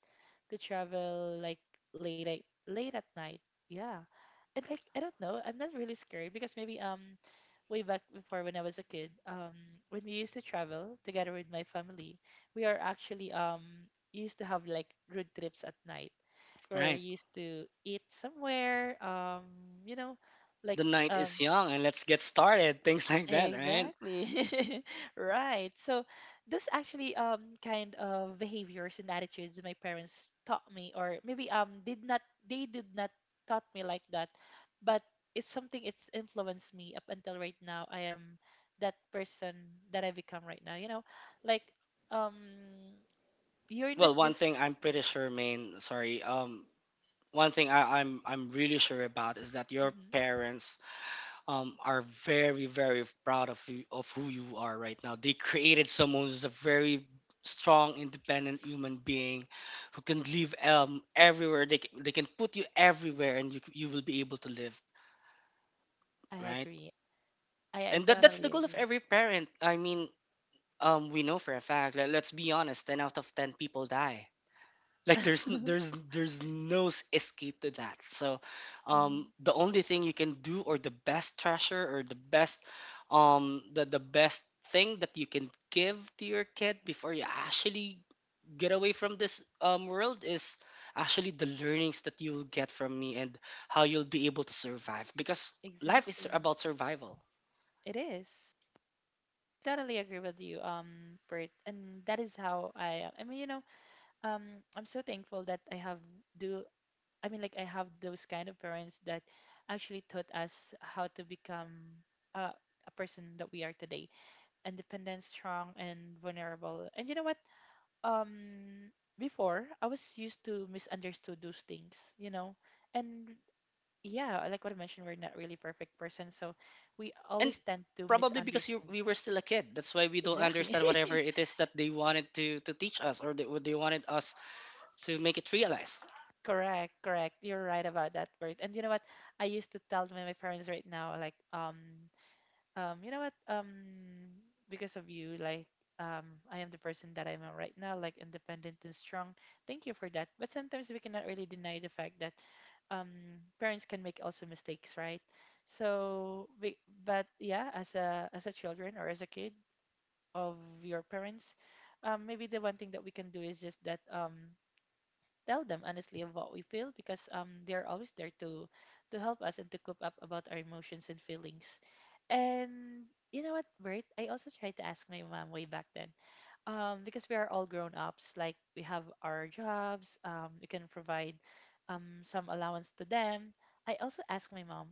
to travel like late at, late at night. Yeah. And like I don't know, I'm not really scared, because maybe way back before when I was a kid, when we used to travel together with my family, we are actually used to have like road trips at night. We're
right?
used to eat somewhere, you know, like
The night is
um
young and let's get started, things like that, right?
Exactly. Right. So those actually kind of behaviors and attitudes my parents taught me, or maybe did not they did not taught me like that, but it's something, it's influenced me up until right now. I am that person that I become right now, you know? Like um you're not
Well, one
just
thing I'm pretty sure, Main, sorry, one thing I'm really sure about is that your
Mhm.
parents, are very very proud of you, of who you are right now. They created someone who's a very strong, independent human being who can live everywhere. They, they can put you everywhere, and you you will be able to live,
I
right.
agree. I
And that's the
totally
goal of
agree.
every parent. I mean, we know for a fact, let's be honest, 10 out of 10 people die. Like there's there's no escape to that. So
Mhm.
the only thing you can do, or the best treasure, or the best, um, the best thing that you can give to your kid before you actually get away from this world is actually the learnings that you'll get from me, and how you'll be able to survive, because life is
Exactly.
about survival.
It is. Totally agree with you, Bert. And that is how I. I mean, you know, I'm so thankful that I have do. I mean, like I have those kind of parents that actually taught us how to become uh, a person that we are today, independent, strong, and vulnerable. And you know what? Um, Before I was used to misunderstood those things. You know, and yeah, like what I mentioned, we're not really perfect person, so we
And
always tend to
probably because you,
misunderstand.
we were still a kid, that's why we don't
Exactly.
understand whatever it is that they wanted to teach us, or they, what they wanted us to make it realize.
Correct, correct. You're right about that word. And you know what? I used to tell my parents right now, like, you know what? Because of you, like, I am the person that I am right now, like, independent and strong. Thank you for that. But sometimes we cannot really deny the fact that, um, parents can make also mistakes, right? So, but yeah, as a children or as a kid of your parents, maybe the one thing that we can do is just that, tell them honestly of what we feel, because they're always there to help us and to cope up about our emotions and feelings. And you know what, Bert? I also tried to ask my mom way back then. Because we are all grown ups, like we have our jobs, we can provide some allowance to them. I also asked my mom,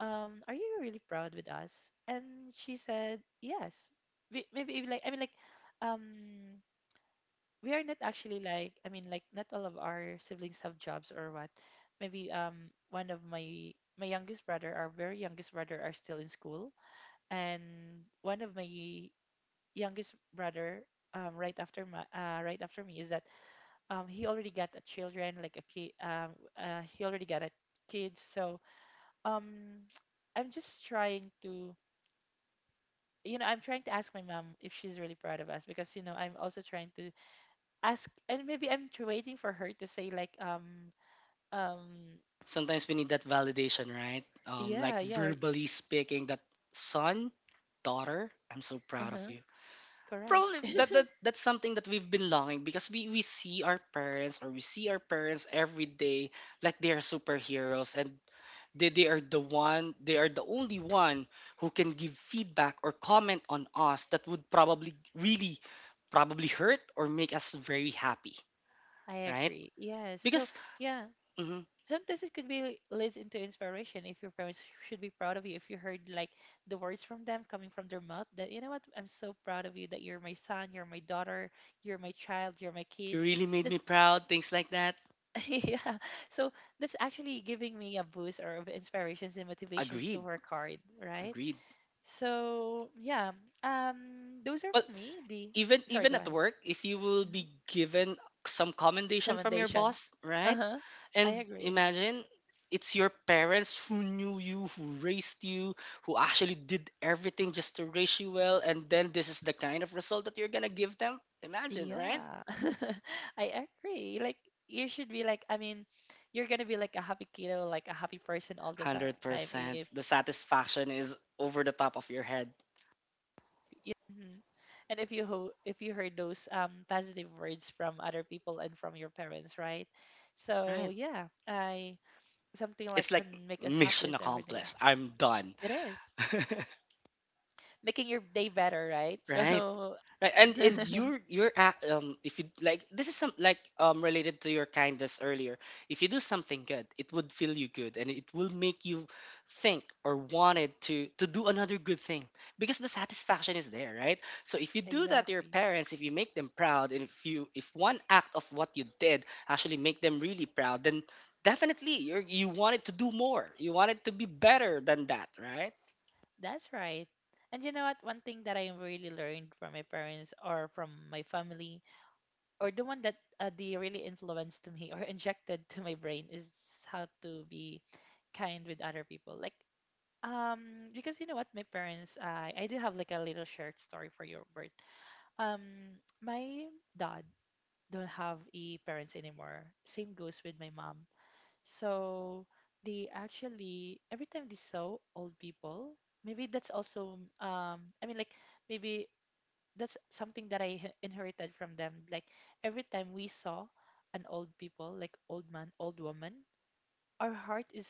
are you really proud with us? And she said, yes. Maybe like I mean like um we are not actually, like I mean like, not all of our siblings have jobs or what. Maybe one of my youngest brother, our very youngest brother, are still in school, and one of my youngest brother right after my right after me is that he already got a children like a kid he already got a kid. So um I'm just trying to I'm trying to ask my mom if she's really proud of us because I'm also trying to ask, and maybe I'm waiting for her to say like um
Sometimes we need that validation, right? Like
yeah, yeah,
verbally speaking, that son, daughter, I'm so proud of
uh-huh,
you.
correct,
Probably that's something that we've been longing, because we see our parents, or we see our parents every day, like they are superheroes, and they are the one, they are the only one who can give feedback or comment on us that would probably really probably hurt or make us very happy,
I
right?
agree, yes. So
Because
yeah,
mhm,
sometimes it could be leads into inspiration if your parents should be proud of you, if you heard like the words from them coming from their mouth that, you know what, I'm so proud of you that you're my son, you're my daughter, you're my child, you're my
you
kid.
really made me
That's
proud, things like that.
yeah. So that's actually giving me a boost or of inspirations and motivations to
Agreed,
work hard, right?
agreed.
So yeah, those are
Well,
for me the
even
sorry,
even
go
at
ahead.
work, if you will
Mhm.
be given some commendation from your
Commendations.
boss,
Uh
right?
huh. I
And
agree.
imagine, it's your parents who knew you, who raised you, who actually did everything just to raise you well, and then this is the kind of result that you're gonna give them, imagine, right?
Yeah, I agree. Like you should be like, I mean, you're gonna be like a happy kiddo, like a happy person all the time if you
100%,
know
the
that
satisfaction is over the
if you,
top of your head,
mhm, and if you ho if you heard those positive words from other people and from your parents, right? So
right?
yeah, I something like
It's like
can make us
mission
happiest every day.
accomplished, I'm done.
It is. Making your day better, right?
Right.
So
Right, and you're at, if you like this is some like related to your kindness earlier. If you do something good, it would feel you good and it will make you think or wanted to do another good thing because the satisfaction is there, right? So if you do that to your
exactly.
parents, if you make them proud, and if you if one act of what you did actually make them really proud, then definitely you wanted to do more. You wanted to be better than that, right?
That's right. And you know what? One thing that I really learned from my parents or from my family, or the one that they really influenced me or injected to my brain, is how to be kind with other people. Like, because you know what? My parents, I do have like a little shared story for your birth. My dad don't have a parents anymore. Same goes with my mom. So they actually every time they saw old people, maybe that's also I mean like maybe that's something that I inherited from them. Like every time we saw an old people, like old man, old woman, our heart is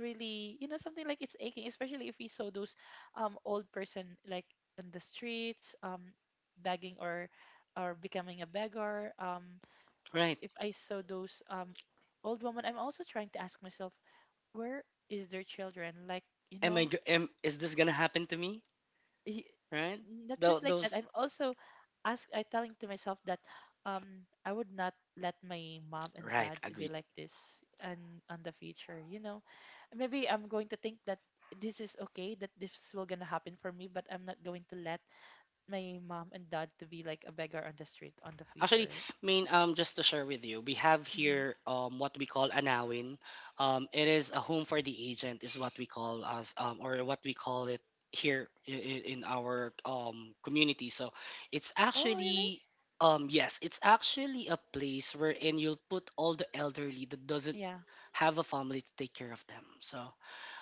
really, you know, something like it's aching, especially if we saw those old person like in the streets begging or becoming a beggar.
Right.
If I saw those old woman, I'm also trying to ask myself, where is their children like you
Am I
know
go- am is this gonna happen to me?
y-
Right?
not
Tho-
just like that.
those
I'm also ask I telling to myself that I would not let my mom and
Right,
dad to be
agreed.
like this. And on the future, you know, maybe I'm going to think that this is okay, that this will gonna happen for me, but I'm not going to let my mom and dad to be like a beggar on the street on the
Actually,
future.
I mean, just to share with you, we have
Hmm.
here what we call anawin. It is a home for the agent, is what we call us, or what we call it here in our community. So, it's
Oh really.
actually, yes, it's actually a place wherein you'll put all the elderly that doesn't
Yeah.
have a family to take care of them. So,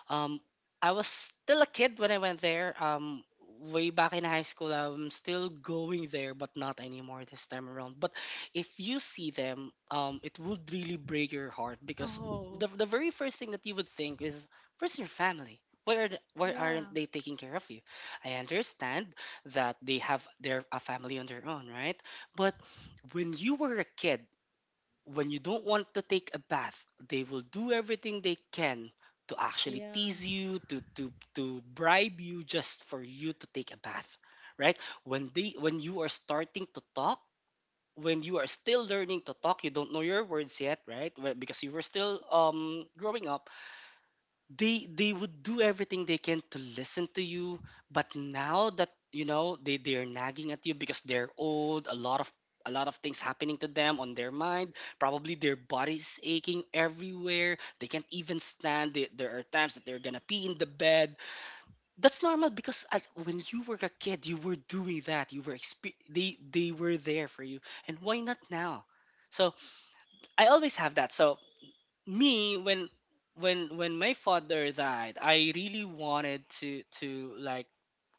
Um, I was still a kid when I went there. Way back in high school, I'm still going there, but not anymore this time around. But if you see them, it would really break your heart because
Oh
the very first thing that you would think is, where's your family? Where, where aren't
yeah,
they taking care of you? I understand that they have their a family on their own, right? But when you were a kid, when you don't want to take a bath, they will do everything they can to actually
yeah.
tease you, to bribe you just for you to take a bath, right? When you are starting to talk, when you are still learning to talk, you don't know your words yet, right? Well, because you were still growing up, they would do everything they can to listen to you, but now that you know they're nagging at you because they're old. A lot of a lot of things happening to them on their mind, probably their body's aching everywhere, they can't even stand. There are times that they're gonna pee in the bed. That's normal because when you were a kid you were doing that, they were there for you, and why not now? So I always have that. So me, when my father died, I really wanted to like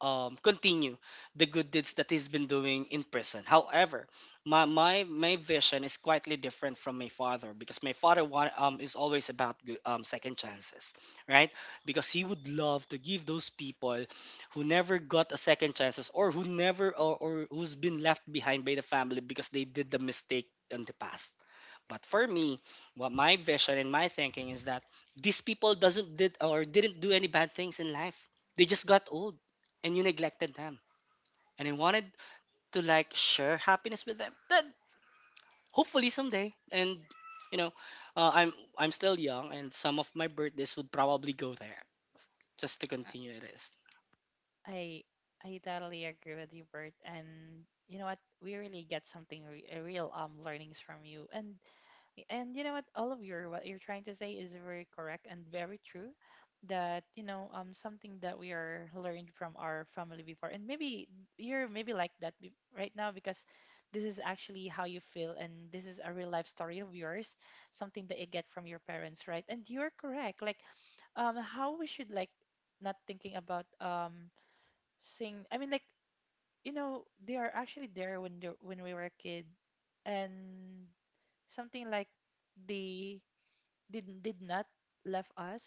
continue the good deeds that he's been doing in prison. However, my vision is slightly different from my father, because my father is always about second chances, right? Because he would love to give those people who never got a second chances, or who never, or, or who's been left behind by the family because they did the mistake in the past. But for me, what my vision and my thinking is that these people doesn't did or didn't do any bad things in life. They just got old and you neglected them. And I wanted to like share happiness with them. That hopefully someday. And you know, I'm still young and some of my birthdays would probably go there just to continue it is.
I totally agree with you, Bert. And you know what? We really get something real learnings from you. And you know what? All of your what you're trying to say is very correct and very true. That, you know, something that we are learned from our family before, and maybe you're maybe like that right now because this is actually how you feel, and this is a real life story of yours, something that you get from your parents, right? And you're correct. Like how we should like not thinking about sing I mean like, you know, they are actually there when they when we were a kid, and something like they did not left us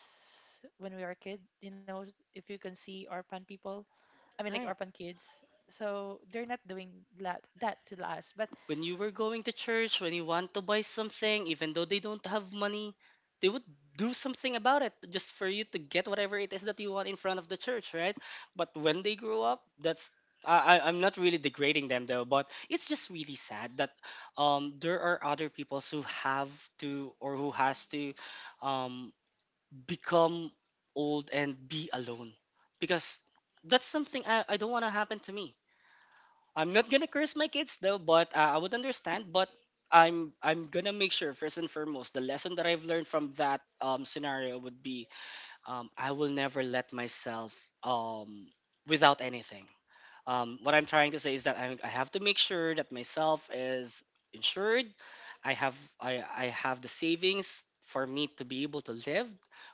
when we were a kid, you know. If you can see orphan people, I mean like
Right.
orphan kids, so they're not doing that to us but,
When you were going to church, when you want to buy something, even though they don't have money, they would do something about it just for you to get whatever it is that you want in front of the church, right? But when they grow up, that's I'm not really degrading them though, but it's just really sad that there are other people who have to or who has to um, become old and be alone, because that's something I don't want to happen to me. I'm not gonna curse my kids though, but I would understand. But I'm gonna make sure first and foremost the lesson that I've learned from that scenario would be, I will never let myself, um, without anything. What I'm trying to say is that I have to make sure that myself is insured. I have the savings for me to be able to live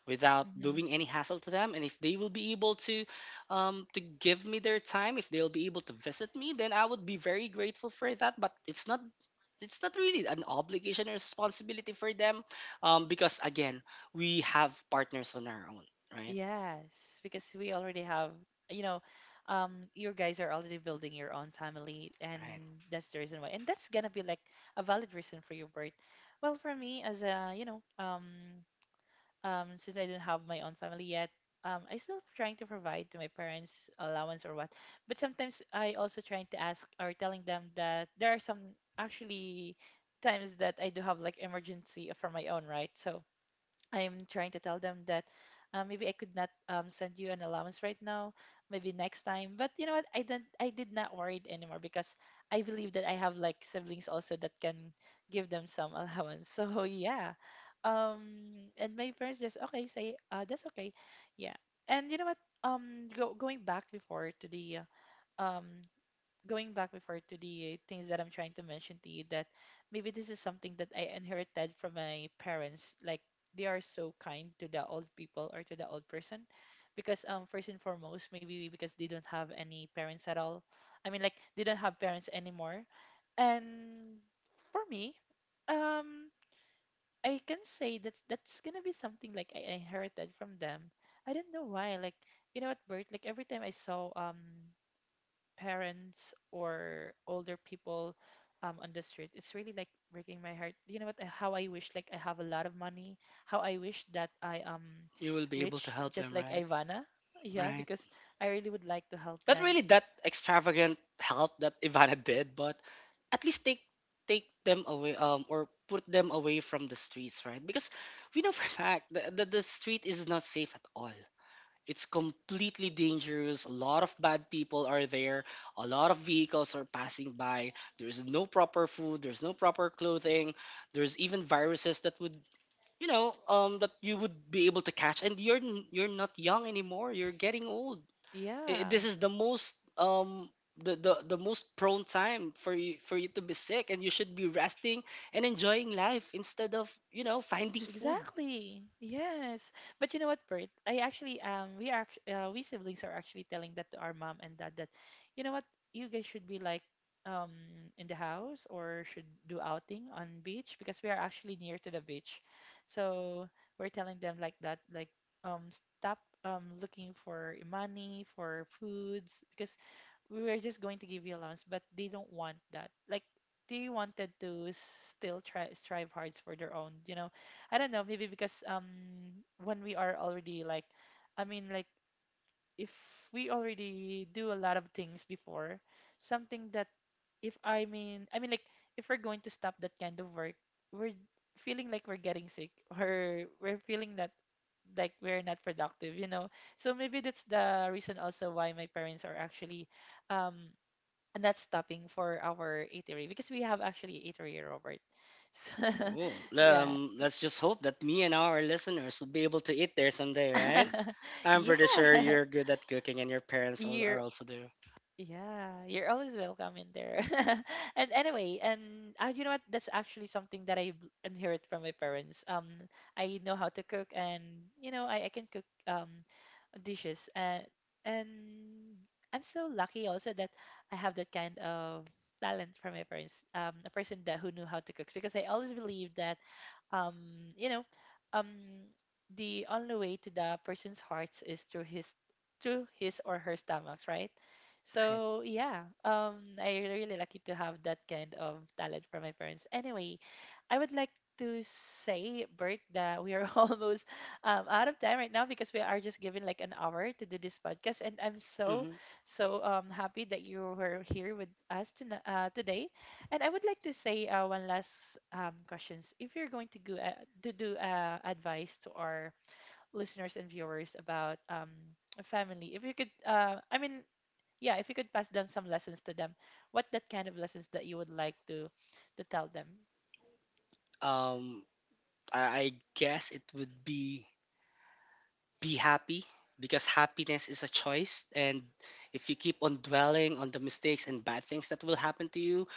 without doing any hassle to them. And if they will be able to give me their time, if they'll be able to visit me, then I would be very grateful for that. But it's not, it's not really an obligation or responsibility for them, because again, we have partners on our own, right?
yes, because we already have, you know, your guys are already building your own family,
Right.
and that's the reason why. And that's gonna be like a valid reason for your birth. Well, for me, as a, you know, since I do not have my own family yet, I still trying to provide to my parents allowance or what. But sometimes I also trying to ask or telling them that there are some actually times that I do have like emergency for my own, right? So I'm trying to tell them that maybe I could not send you an allowance right now, maybe next time. But you know what? I didn't. I did not worry anymore because I believe that I have like siblings also that can give them some allowance. So yeah, and my parents just okay say that's okay, yeah. And you know what? Going back before to the uh, um going back before to the things that I'm trying to mention to you that maybe this is something that I inherited from my parents. Like they are so kind to the old people or to the old person. Because first and foremost, maybe because they don't have any parents at all. I mean like they don't have parents anymore. And for me, um I can say that's gonna be something like I inherited from them. I don't know why. Like you know what, Bert? Like every time I saw parents or older people on the street, it's really like breaking my heart. You know what? How I wish like I have a lot of money. How I wish that I am
You will be able to
rich,
help
just
them,
like
right?
Ivana. Yeah,
Right.
because I really would like to help
Not
them.
really that extravagant help that Ivana did, but at least take them away or put them away from the streets, right? Because we know for a fact that the street is not safe at all. It's completely dangerous. A lot of bad people are there. A lot of vehicles are passing by. There's no proper food. There's no proper clothing. There's even viruses that would, you know, that you would be able to catch. And you're not young anymore. You're getting old.
Yeah.
This is the most the, the most prone time for you to be sick, and you should be resting and enjoying life instead of you know finding food.
Exactly. Yes. But you know what, Bert? I actually we siblings are actually telling that to our mom and dad that, you know what, you guys should be like um in the house or should do outing on beach because we are actually near to the beach. So we're telling them like that like stop looking for money for foods because we were just going to give you allowance, but they don't want that. Like they wanted to still try strive hard for their own, you know. I don't know, maybe because when we are already like I mean like if we already do a lot of things before, something that if I mean, I mean like if we're going to stop that kind of work, we're feeling like we're getting sick or we're feeling that like we're not productive, you know. So maybe that's the reason also why my parents are actually um not stopping for our eatery because we have actually eatery Robert. So,
Oh,
yeah. So-
let's just hope that me and our listeners will be able to eat there someday, right? I'm
yeah.
pretty sure you're good at cooking, and your parents are
Year.
also there.
Yeah, you're always welcome in there. And anyway, and you know what? That's actually something that I inherit from my parents. I know how to cook, and you know, I can cook. Dishes and I'm so lucky also that I have that kind of talent from my parents a person that who knew how to cook because I always believe that um you know um the only way to the person's hearts is through his or her stomachs, right?
Right.
So yeah, I really lucky to have that kind of talent from my parents. Anyway, I would like to say Bert that we are almost out of time right now because we are just given like an hour to do this podcast. And I'm so,
hmm
so happy that you were here with us to, today. And I would like to say one last questions. If you're going to go to do advice to our listeners and viewers about a family, if you could, I mean, yeah, if you could pass down some lessons to them, what that kind of lessons that you would like to tell them?
um I guess it would be happy, because happiness is a choice, and if you keep on dwelling on the mistakes and bad things that will happen to you,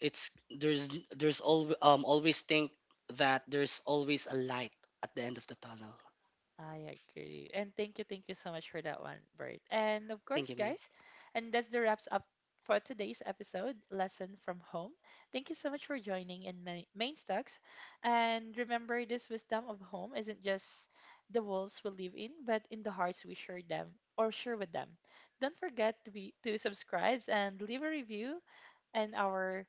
it's there's always think that there's always a light at the end of the tunnel.
I agree. And thank you so much for that one, Bert. And of
Thank
course,
you, man.
guys, and that's the wraps up for today's episode, Lesson from Home. Thank you so much for joining in Main Main Stocks. And remember, this wisdom of home isn't just the walls we live in, but in the hearts we share them or share with them. Don't forget to be to subscribe and leave a review and our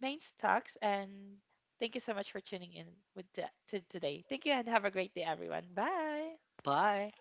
main stocks and thank you so much for tuning in with the, to today. Thank you and have a great day everyone. Bye.
Bye.